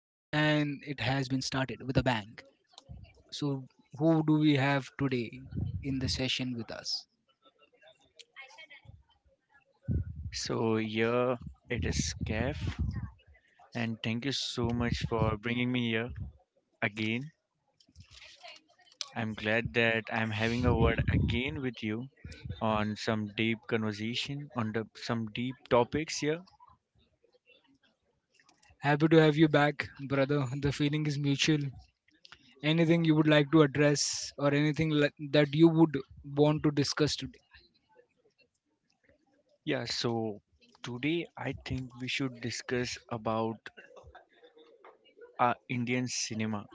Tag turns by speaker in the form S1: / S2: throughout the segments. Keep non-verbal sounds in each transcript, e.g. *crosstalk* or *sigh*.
S1: it has been started with a bang. So, who do we have today in the session with us?
S2: So here it is, Kef, and thank you so much for bringing me here again. I'm glad that I'm having a word again with you on some deep conversation on the some deep topics here.
S1: Happy to have you back, brother. The feeling is mutual. Anything you would like to address or anything like that you would want to discuss today?
S2: Yeah, so today I think we should discuss about Indian cinema.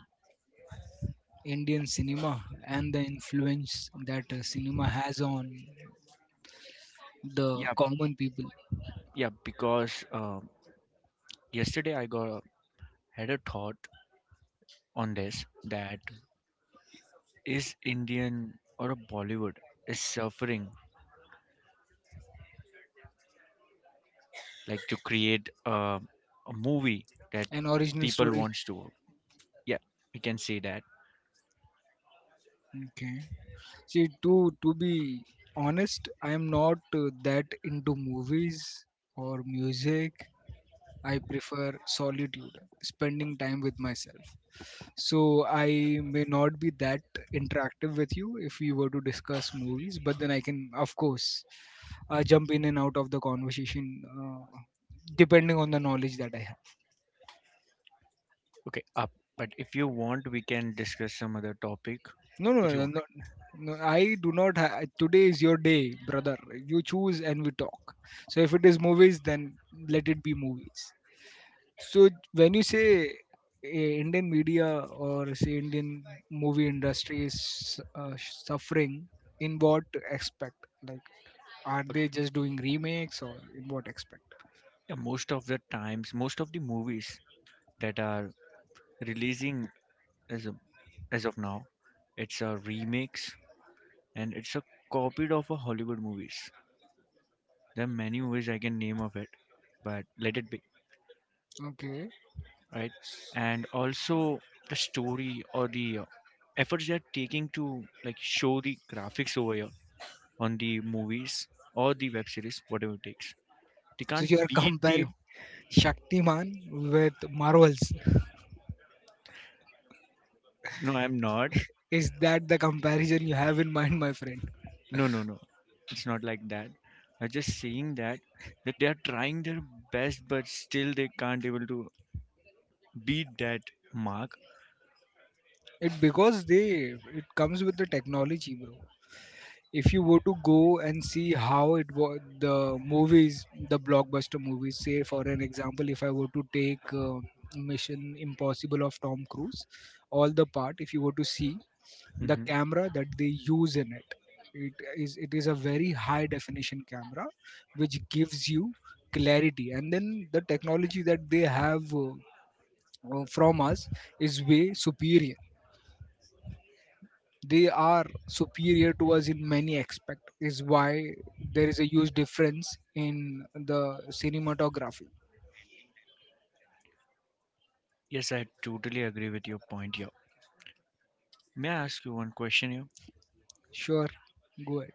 S1: Indian cinema and the influence that cinema has on the
S2: Yeah,
S1: common people.
S2: yeah, because yesterday I had a thought on this that is Indian or a Bollywood is suffering like to create a movie that
S1: An original
S2: people
S1: story.
S2: wants to. Yeah, we can say that.
S1: Okay. See, to be honest, I am not that into movies or music. I prefer solitude, spending time with myself. So I may not be that interactive with you if we were to discuss movies, but then I can, of course, jump in and out of the conversation depending on the knowledge that I have.
S2: Okay, but if you want, we can discuss some other topic
S1: No, no,
S2: if you
S1: no,
S2: want.
S1: no. No, I do not. Today is your day, brother. You choose and we talk. So if it is movies, then let it be movies. So when you say Indian media or say Indian movie industry is suffering, in what aspect? Like, are
S2: Okay.
S1: they just doing remakes or in what aspect?
S2: Yeah, most of the times, most of the movies that are releasing as of, as of now, it's a remix, and it's a copied of a Hollywood movies. There are many ways I can name of it, but let it be.
S1: Okay.
S2: Right? And also the story or the efforts they're taking to like show the graphics over here on the movies or the web series, whatever it takes. They
S1: So
S2: can't
S1: you are
S2: beat the.
S1: comparing Shaktiman with Marvels.
S2: No, I'm not.
S1: Is that the comparison you have in mind, my friend?
S2: No, no, no. It's not like that. I'm just saying that they are trying their best, but still they can't able to beat that mark.
S1: It because they it comes with the technology, bro. If you were to go and see how it was the movies, the blockbuster movies, say for an example, if I were to take Mission Impossible of Tom Cruise, all the part, if you were to see the
S2: Hmm.
S1: camera that they use in it, it is a very high definition camera which gives you clarity, and then the technology that they have from us is way superior. They are superior to us in many aspects. Is why there is a huge difference in the cinematography.
S2: Yes, I totally agree with your point here. May I ask you one question here?
S1: Sure, go ahead.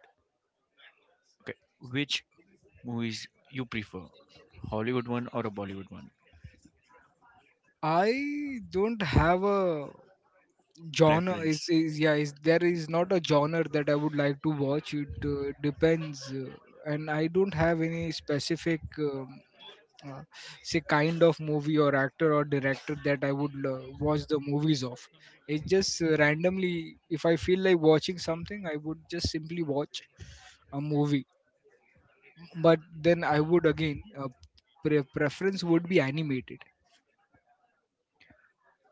S2: Okay, which movies you prefer? Hollywood one or a Bollywood one?
S1: I don't have a genre
S2: Preference.
S1: is yeah is there is not a genre that I would like to watch it, depends, and I don't have any specific um uh, say kind of movie or actor or director that I would watch the movies of. It's just randomly if I feel like watching something, I would just simply watch a movie. But then I would again preference would be animated.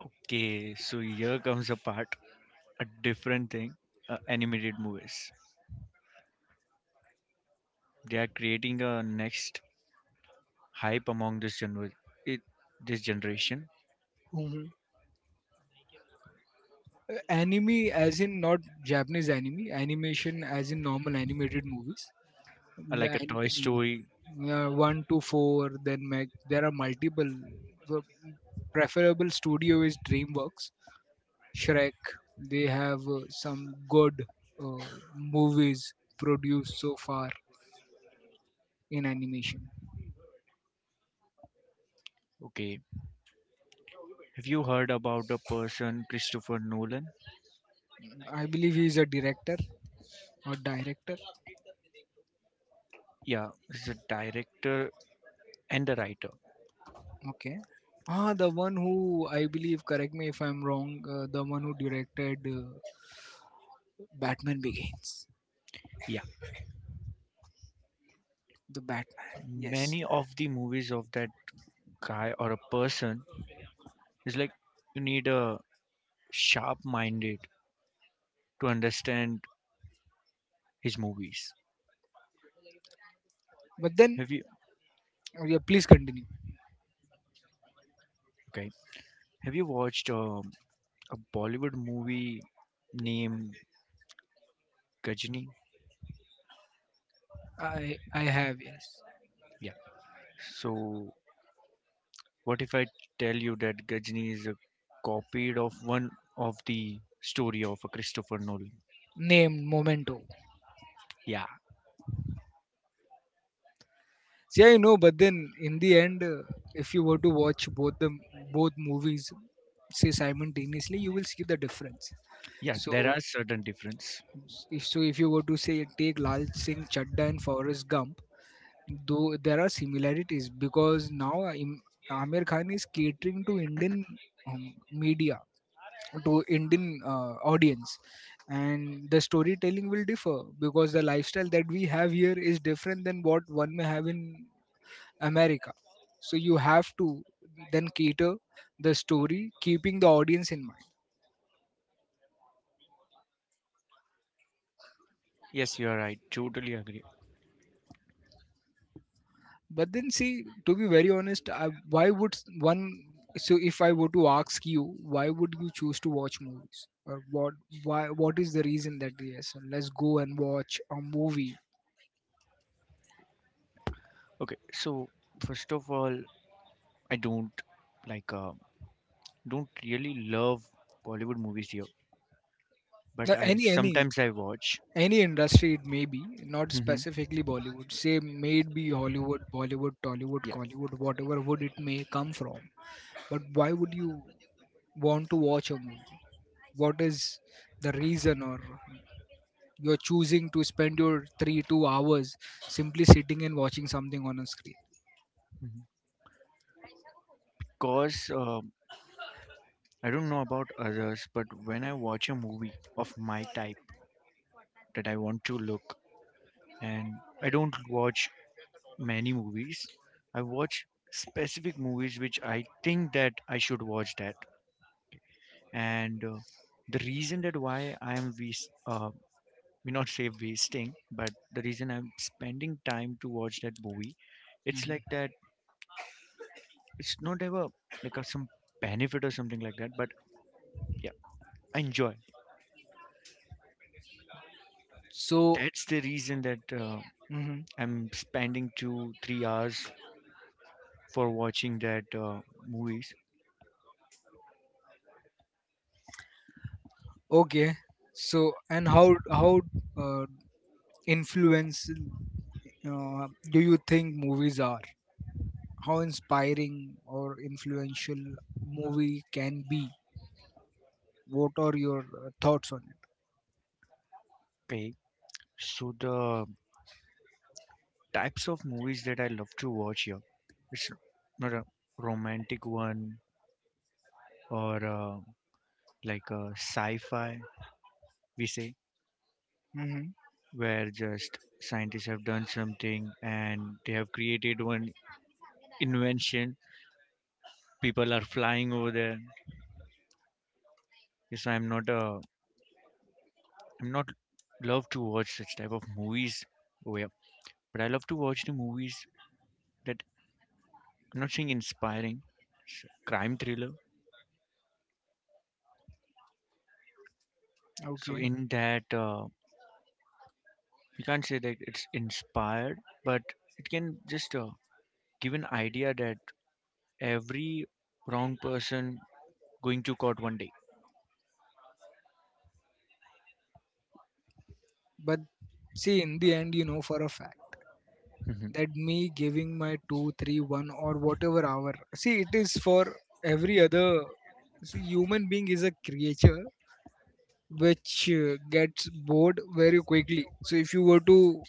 S2: Okay, so here comes a part, a different thing. Animated movies. They are creating a next hype among it, this generation,
S1: Hmm. Anime, as in not Japanese anime, animation as in normal animated movies. And,
S2: like a Toy Story.
S1: and, uh, one to four, then Mac. There are multiple. The preferable studio is DreamWorks Shrek. They have some good uh, movies produced so far in animation.
S2: Okay, have you heard about the person Christopher Nolan?
S1: I believe he is a director or director.
S2: Yeah, he's a director and a writer.
S1: Okay. Ah, the one who I believe, correct me if I'm wrong, the one who directed Batman Begins,
S2: Yeah,
S1: the Batman. Yes.
S2: many of the movies of that guy or a person is like you need a sharp-minded to understand his movies.
S1: But then,
S2: Have you
S1: oh yeah, please continue.
S2: okay? Have you watched a Bollywood movie named Gajni?
S1: I have, yes.
S2: Yeah. So what if I tell you that Gajni is a copied of one of the story of a Christopher Nolan?
S1: Named Momento.
S2: Yeah.
S1: See, I know, but then in the end, if you were to watch both movies, say simultaneously, you will see the difference.
S2: Yeah. There
S1: So,
S2: are certain difference.
S1: so, if you were to say take Lal Singh Chadda and Forrest Gump, though there are similarities because now Amir Khan is catering to Indian media, to Indian audience, and the storytelling will differ because the lifestyle that we have here is different than what one may have in America. So you have to then cater the story, keeping the audience in mind.
S2: Yes, you are right. Totally agree.
S1: But then, see, to be very honest, why would one? So if I were to ask you, why would you choose to watch movies, or what? Why? What is the reason that yes, let's go and watch a movie?
S2: Okay. So first of all, I don't like, don't really love Bollywood movies here,
S1: Now,
S2: but I
S1: any any
S2: sometimes I watch.
S1: any industry it may be, not
S2: Hmm.
S1: specifically Bollywood. Say, maybe Hollywood, Bollywood, Tollywood,
S2: Yeah.
S1: Collywood, whatever would it may come from. But why would you want to watch a movie? What is the reason or you're choosing to spend your three, 2 hours simply sitting and watching something on a screen?
S2: Cause I don't know about others, but when I watch a movie of my type that I want to look, and I don't watch many movies, I watch specific movies which I think that I should watch that. And the reason that why I am we not say wasting, but the reason I'm spending time to watch that movie, it's like
S1: Mhm.
S2: that. It's not ever like some benefit or something like that, but yeah, I enjoy.
S1: So,
S2: That's the reason that.
S1: mhm.
S2: I'm spending 2, 3 hours for watching that movies.
S1: Okay. So, and how uh, influential do you think movies are? How inspiring or influential movie can be? What are your thoughts on it?
S2: Okay, so the types of movies that I love to watch here, it's not a romantic one or like a sci-fi. We say
S1: Hmm.
S2: where just scientists have done something and they have created one invention. People are flying over there. Yes, I'm not love to watch such type of movies. Oh yeah, but I love to watch the movies that I'm not saying inspiring, it's a crime thriller. So
S1: Okay.
S2: in that, you can't say that it's inspired, but it can just give an idea that every wrong person going to court one day.
S1: But see, in the end, you know for a fact
S2: Mhm.
S1: that me giving my two, three, one, or whatever hour, see, it is for every other. See, human being is a creature which gets bored very quickly. So if you were to,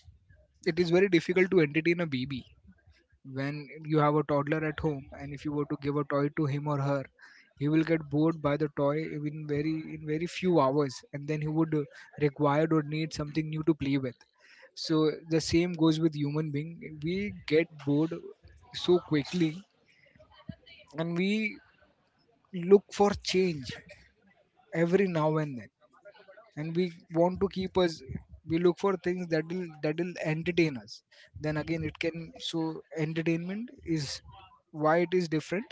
S1: it is very difficult to entertain a baby, when you have a toddler at home and if you were to give a toy to him or her, he will get bored by the toy in very few hours, and then he would require or need something new to play with. So the same goes with human being. We get bored so quickly, and we look for change every now and then, and we want to keep us, we look for things that will entertain us. Then again, it can, so entertainment is why it is different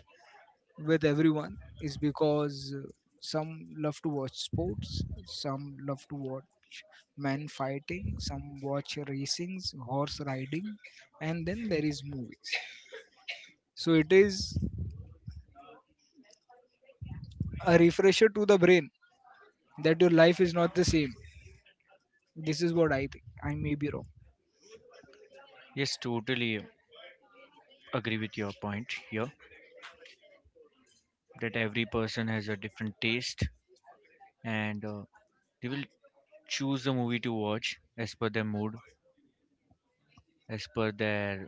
S1: with everyone, is because some love to watch sports, some love to watch men fighting, some watch racings, horse riding, and then there is movies. So it is a refresher to the brain that your life is not the same. This is what I think. I may be wrong,
S2: Yes, totally agree with your point here that every person has a different taste, and they will choose a movie to watch as per their mood, as per their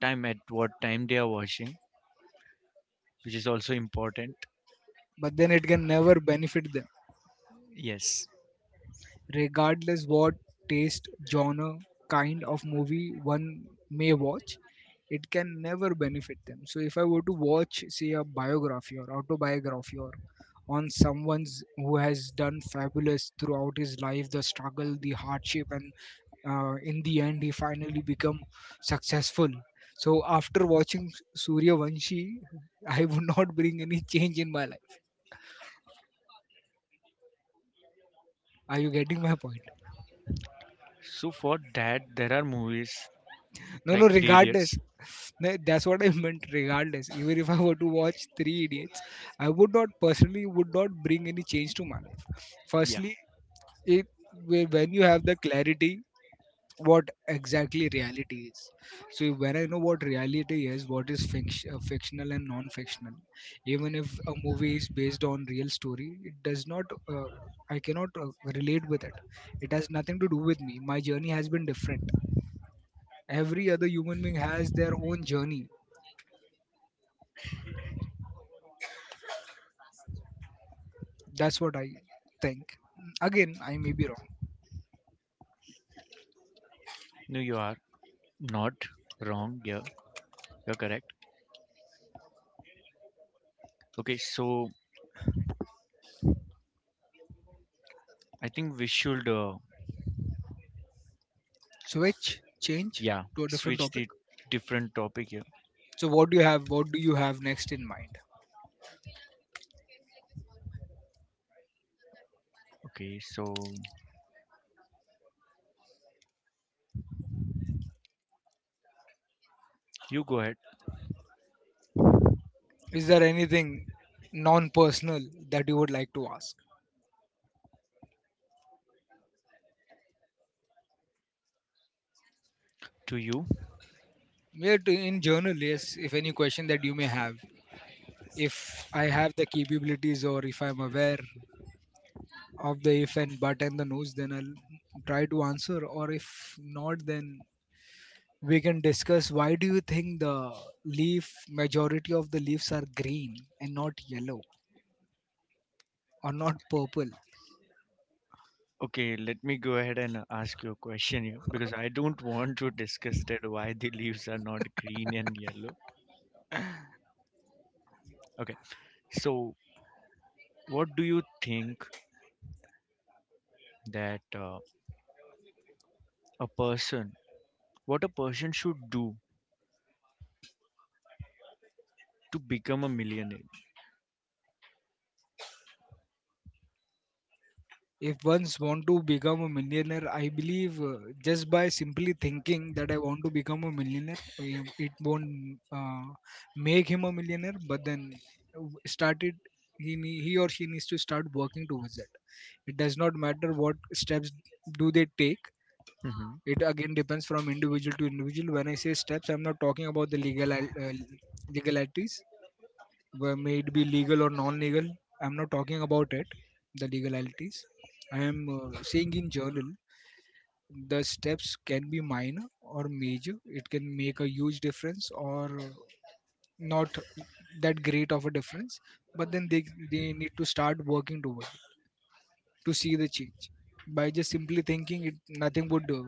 S2: time at what time they are watching, which is also important.
S1: but then it can never benefit them.
S2: Yes.
S1: Regardless what taste, genre, kind of movie one may watch, it can never benefit them. So if I were to watch, say, a biography or autobiography or on someone's who has done fabulous throughout his life, the struggle, the hardship, and in the end, he finally become successful. So after watching Suryavanshi, *laughs* I would not bring any change in my life. Are you getting my point?
S2: So for that, there are movies
S1: No, no.
S2: like Three
S1: Regardless,
S2: Idiots.
S1: no, that's what I *laughs* meant. Regardless, even if I were to watch Three Idiots, I would not personally would not bring any change to my life.
S2: Yeah,
S1: Firstly, it when you have the clarity what exactly reality is. So when I know what reality is, what is fictional and non-fictional, even if a movie is based on real story, it does not. Uh, I cannot relate with it. It has nothing to do with me. My journey has been different. Every other human being has their own journey. That's what I think. Again, I may be wrong.
S2: no, you are not wrong. Yeah, you're correct. Okay, so I think we should,
S1: Switch, change
S2: yeah,
S1: to a different
S2: switch
S1: topic.
S2: the different topic here.
S1: So, what do you have? What do you have next in mind?
S2: Okay, so you go ahead
S1: Is there anything non-personal that you would like to ask?
S2: to you.
S1: Yeah, to, in journal, yes. If any question that you may have, if I have the capabilities or if I'm aware of the if and but and the no's, then I'll try to answer. Or if not, then we can discuss why do you think the leaf majority of the leaves are green and not yellow or not purple.
S2: Okay, let me go ahead and ask you a question here because I don't want to discuss that why the leaves are not green and yellow. Okay, so what do you think that a person, what a person should do to become a millionaire?
S1: If one's want to become a millionaire, I believe, just by simply thinking that I want to become a millionaire, it won't uh, make him a millionaire. But then, w- started he or she needs to start working towards it. It does not matter what steps do they take.
S2: Hmm.
S1: It again depends from individual to individual. When I say steps, I'm not talking about the legal legalities, where may it be legal or non-legal, I'm not talking about it, the legalities. I am saying in general. The steps can be minor or major. It can make a huge difference or not that great of a difference. But then they need to start working toward to see the change. By just simply thinking it, nothing would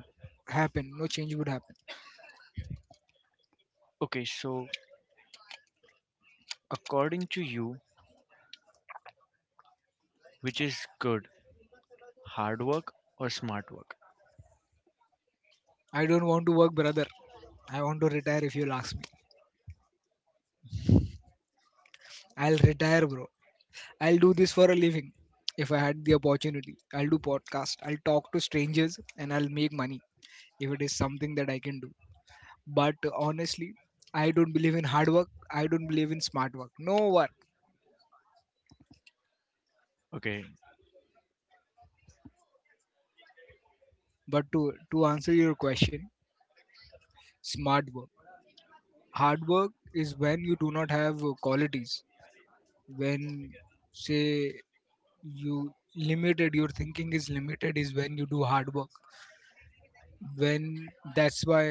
S1: happen. No change would happen.
S2: Okay, so according to you, which is good, hard work or smart work?
S1: I don't want to work, brother. I want to retire if you'll ask me. I'll retire, bro. I'll do this for a living. If I had the opportunity, I'll do podcast. I'll talk to strangers and I'll make money if it is something that I can do. But honestly, I don't believe in hard work. I don't believe in smart work. No work.
S2: Okay.
S1: But to answer your question, smart work. Hard work is when you do not have qualities. When, say, you limited, your thinking is limited, is when you do hard work, when that's why,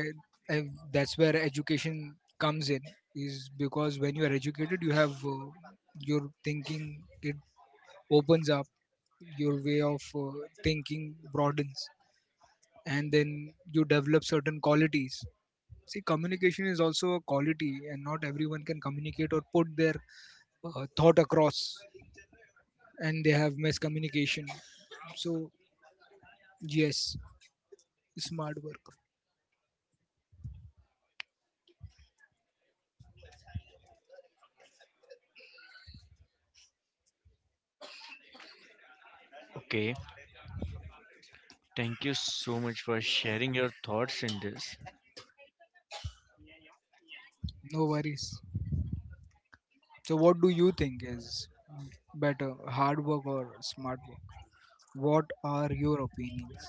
S1: uh, that's where education comes in, is because when you are educated, you have, your thinking, it opens up, your way of thinking broadens, and then you develop certain qualities. See, communication is also a quality, and not everyone can communicate or put their thought across, and they have miscommunication. So yes, smart work.
S2: Okay. Thank you so much for sharing your thoughts in this.
S1: No worries. So, what do you think is better, hard work or smart work? What are your opinions?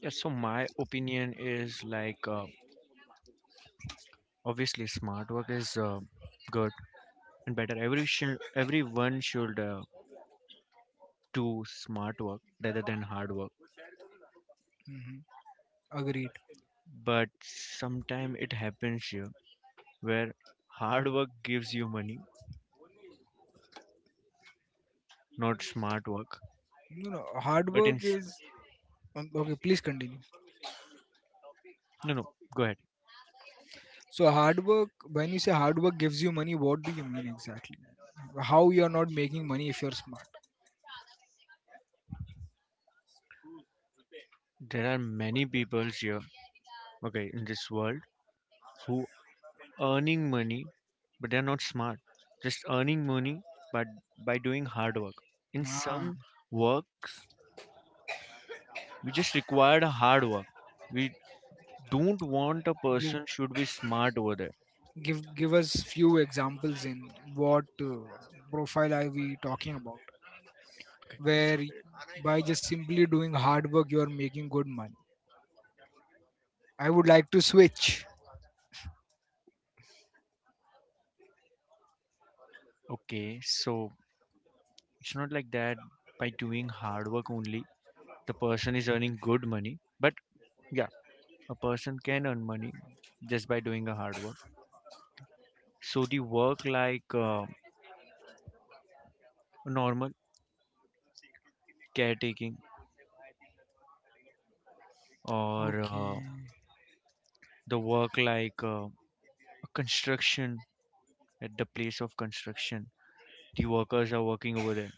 S2: Yeah, so my opinion is like obviously smart work is good and better. Everyone should do smart work rather than hard work.
S1: Hmm. Agreed.
S2: But sometime it happens here where hard work gives you money, not smart work.
S1: No, no, hard
S2: But in
S1: work
S2: s-
S1: is okay. Please continue.
S2: no, no, go ahead.
S1: So, hard work. When you say hard work gives you money, what do you mean exactly? How you are not making money if you're smart?
S2: There are many people here, okay, in this world who earning money, but they're not smart. Just earning money, but by doing hard work. In
S1: Ah,
S2: some work, we just require a hard work. We don't want a
S1: give
S2: person should be smart over there.
S1: give us few examples in what profile are we talking about?
S2: Okay, so
S1: Where by just simply doing hard work, you are making good money. I would like to switch.
S2: okay, so it's not like that. By doing hard work only, the person is earning good money. But yeah, a person can earn money just by doing a hard work. So the work like normal caretaking or
S1: Okay.
S2: the work like construction, at the place of construction the workers are working over there,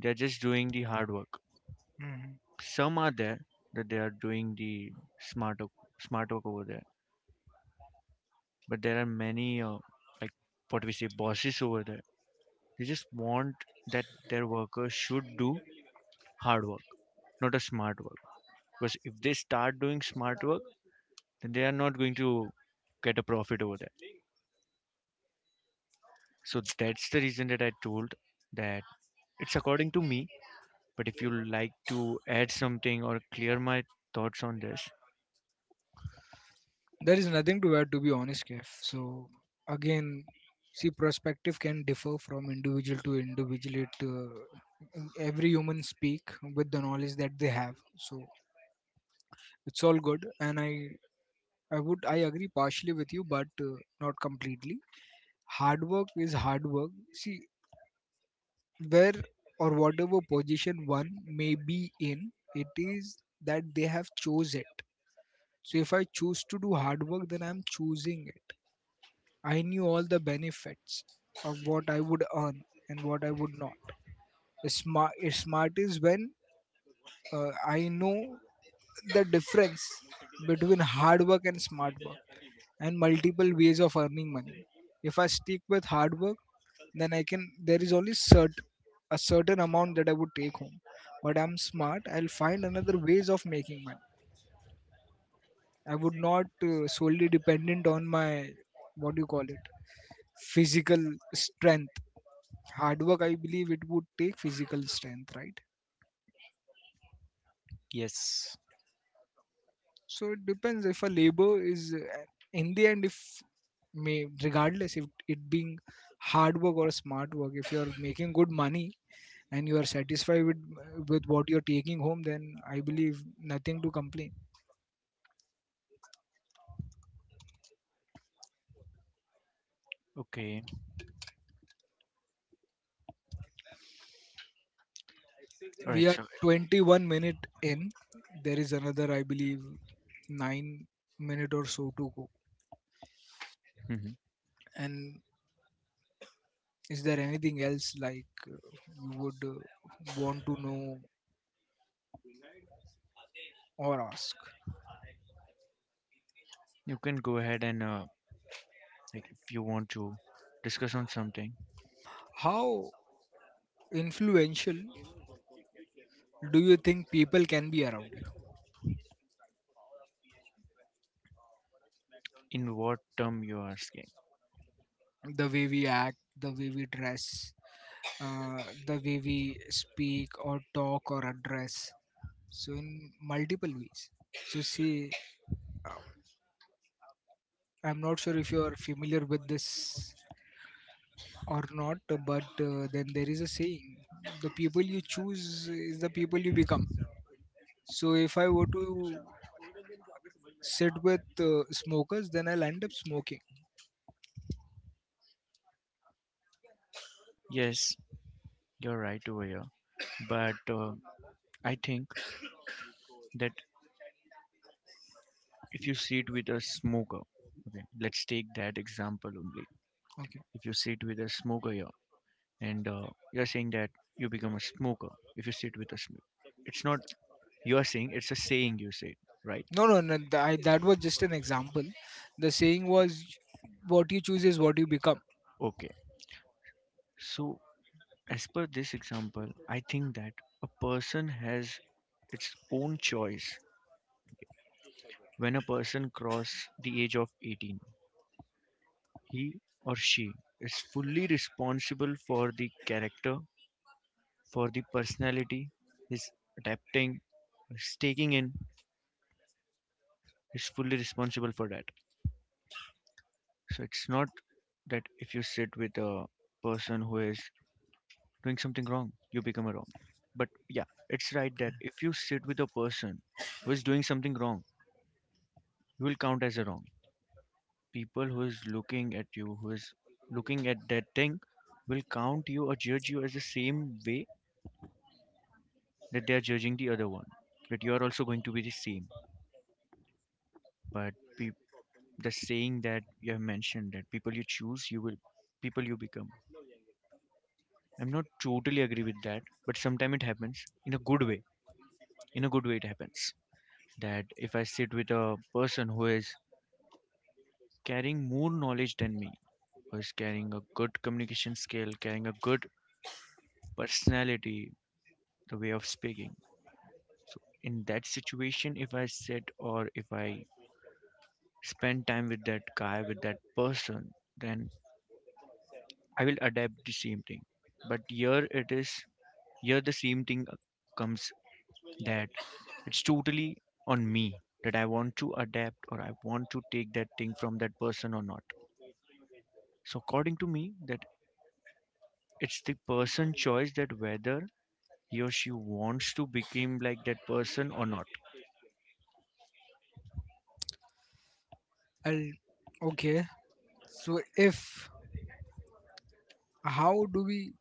S2: they're just doing the hard work.
S1: Mhm.
S2: Some are there that they are doing the smart work, smart work over there, but there are many like what we say bosses over there. They just want that their workers should do hard work, not a smart work, because if they start doing smart work, then they are not going to get a profit over there. So that's the reason that I told that it's according to me. But if you like to add something or clear my thoughts on this.
S1: There is nothing to add, to be honest, Kef. Again, see, perspective can differ from individual to individual. Every human speak with the knowledge that they have. So, it's all good. And I would, I agree partially with you, but not completely. Hard work is hard work. See, where or whatever position one may be in, it is that they have chose it. So if I choose to do hard work, then I'm choosing it. I knew all the benefits of what I would earn and what I would not. Smart is when I know the difference between hard work and smart work and multiple ways of earning money. If I stick with hard work, then I can. There is only cert a certain amount that I would take home. But I'm smart. I'll find another ways of making money. I would not solely dependent on my, what do you call it, physical strength. Hard work, I believe it would take physical strength, right?
S2: Yes.
S1: So it depends. If a labor is, in the end, if may, regardless if it being hard work or smart work, if you are making good money and you are satisfied with what you're taking home, then I believe nothing to complain.
S2: Okay, all
S1: We
S2: right.
S1: are
S2: So.
S1: 21 minute in. There is another, I believe, 9 minute or so to go.
S2: Mhm.
S1: And is there anything else like you would want to know or ask?
S2: You can go ahead and like if you want to discuss on something.
S1: How influential do you think people can be around you?
S2: In what term you are asking.
S1: The way we act, the way we dress, the way we speak or talk or address. So, in multiple ways. So, see, I'm not sure if you're familiar with this or not, but then there is a saying: the people you choose is the people you become. So, if I were to sit with smokers, then I'll end up smoking.
S2: Yes, you're right over here. But I think that if you see it with a smoker, okay, let's take that example only.
S1: Okay.
S2: If you see it with a smoker here, and you're saying that you become a smoker if you sit with a smoke. It's not you're saying, it's a saying you say, right?
S1: No, no, no. That was just an example. The saying was, what you choose is what you become.
S2: Okay. So, as per this example, I think that a person has its own choice when a person cross the age of 18. He or she is fully responsible for the character, for the personality, is adapting, is taking in, is fully responsible for that. So it's not that if you sit with a person who is doing something wrong, you become a wrong. But yeah, it's right that if you sit with a person who is doing something wrong, you will count as a wrong. People who is looking at you, who is looking at that thing, will count you or judge you as the same way that they are judging the other one. That you are also going to be the same. But peop the saying that you have mentioned that people you choose, you will people you become. I'm not totally agree with that, but sometimes it happens in a good way. In a good way, it happens that if I sit with a person who is carrying more knowledge than me, who is carrying a good communication skill, carrying a good personality, the way of speaking. So in that situation, if I sit or if I spend time with that guy, with that person, then I will adapt the same thing. But here it is, here the same thing comes that it's totally on me that I want to adapt or I want to take that thing from that person or not. So according to me, that it's the person choice that whether he or she wants to become like that person or not.
S1: I'll, okay. So, if, how do we,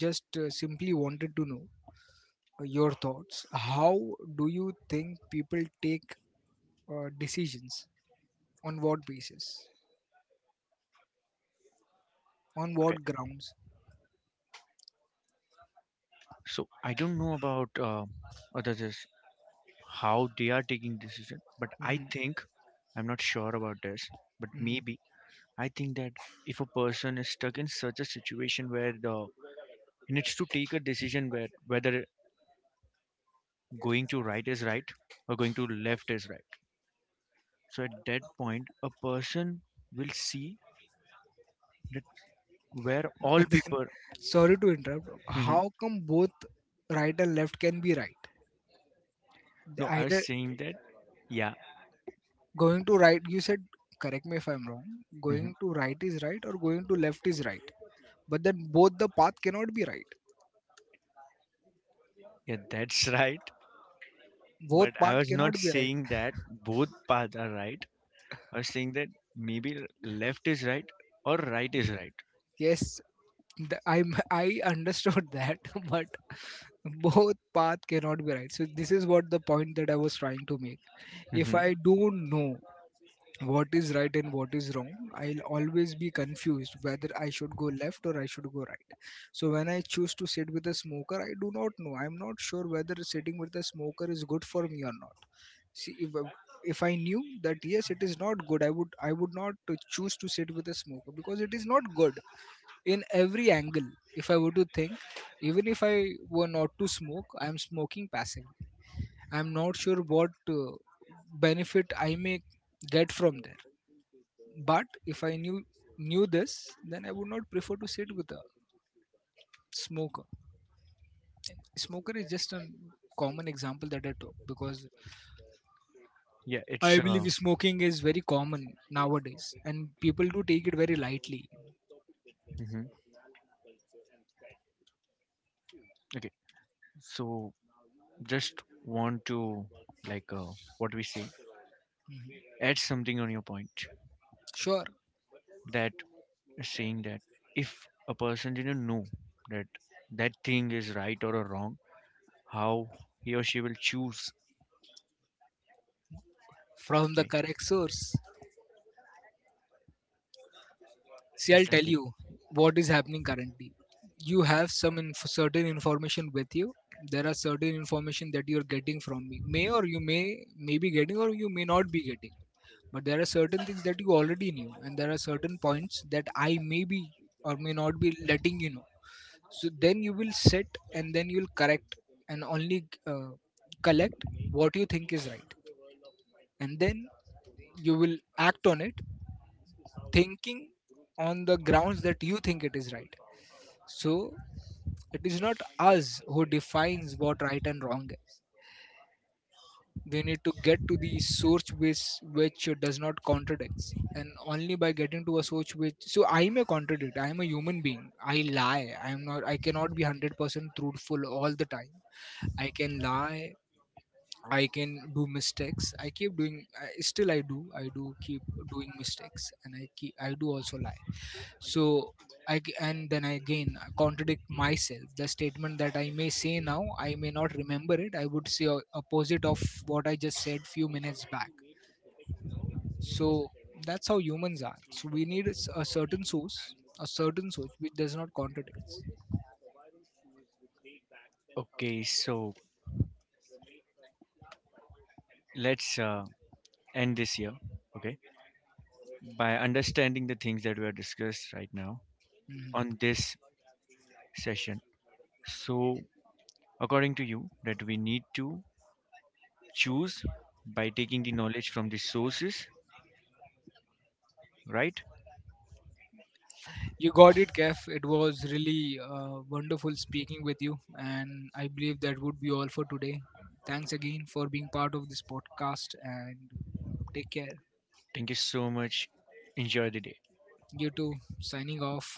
S1: just simply wanted to know your thoughts? How do you think people take decisions? On what basis? On
S2: Okay.
S1: what grounds?
S2: So I don't know about others as how they are taking decision, but I
S1: Hmm.
S2: think, I'm not sure about this, but
S1: Hmm.
S2: maybe I think that if a person is stuck in such a situation where the he needs to take a decision where whether going to right is right or going to left is right. So at that point, a person will see that where all
S1: But then,
S2: people.
S1: *laughs* sorry to interrupt.
S2: Mhm.
S1: How come both right and left can be right?
S2: No, I was
S1: Either,
S2: saying that. Yeah.
S1: going to right, you said, correct me if I'm wrong, going
S2: Mhm.
S1: to right is right or going to left is right, but then both the path cannot be right.
S2: Yeah, that's *laughs* right.
S1: Both
S2: But I
S1: path
S2: was
S1: cannot
S2: not
S1: be right.
S2: saying that both paths are right. I was saying that maybe left is right or right is right.
S1: Yes. I *laughs* I understood that, *laughs* but both path cannot be right, so this is what the point that I was trying to make. If
S2: Hmm.
S1: I do know what is right and what is wrong, I'll always be confused whether I should go left or I should go right. So when I choose to sit with a smoker, I do not know, I'm not sure whether sitting with a smoker is good for me or not. See if I- If I knew that yes it is not good, I would not to choose to sit with a smoker because it is not good. In every angle, if I were to think, even if I were not to smoke, I am smoking passively. I am not sure what benefit I may get from there. But if I knew this, then I would not prefer to sit with a smoker. Smoker is just a common example that I took, because
S2: Yeah,
S1: I
S2: it's
S1: believe smoking is very common nowadays, and people do take it very lightly.
S2: mhm, okay. So just want to, like, what we say?
S1: Mhm.
S2: Add something on your point
S1: Sure,
S2: that saying that if a person didn't know that that thing is right or wrong, how he or she will choose.
S1: from the
S2: Okay,
S1: correct source. See, I'll tell
S2: exactly.
S1: you what is happening currently. You have some certain information with you. There are certain information that you are getting from me. May be getting or you may not be getting, but there are certain things that you already knew, and there are certain points that I may be or may not be letting you know. So then you will sit and then you will correct and only uh, collect what you think is right, and then you will act on it, thinking on the grounds that you think it is right. So it is not us who defines what right and wrong is. We need to get to the source which does not contradict. And only by getting to a source which, so I may contradict, I am a human being, I lie. I am not I cannot be 100% truthful all the time. I can lie, I can do mistakes, I keep doing I, still I do keep doing mistakes, and I do also lie. So, and then I again contradict myself. The statement that I may say now, I may not remember it. I would say opposite of what I just said few minutes back. So that's how humans are. So we need a certain source which does not contradict.
S2: Okay, so let's end this year. Okay, by understanding the things that we have discussed right now
S1: Mhm.
S2: on this session. So, according to you, that we need to choose by taking the knowledge from the sources, right?
S1: You got it, Kef. It was really wonderful speaking with you, and I believe that would be all for today. Thanks again for being part of this podcast, and take care.
S2: Thank you so much. Enjoy the day.
S1: You too. Signing off.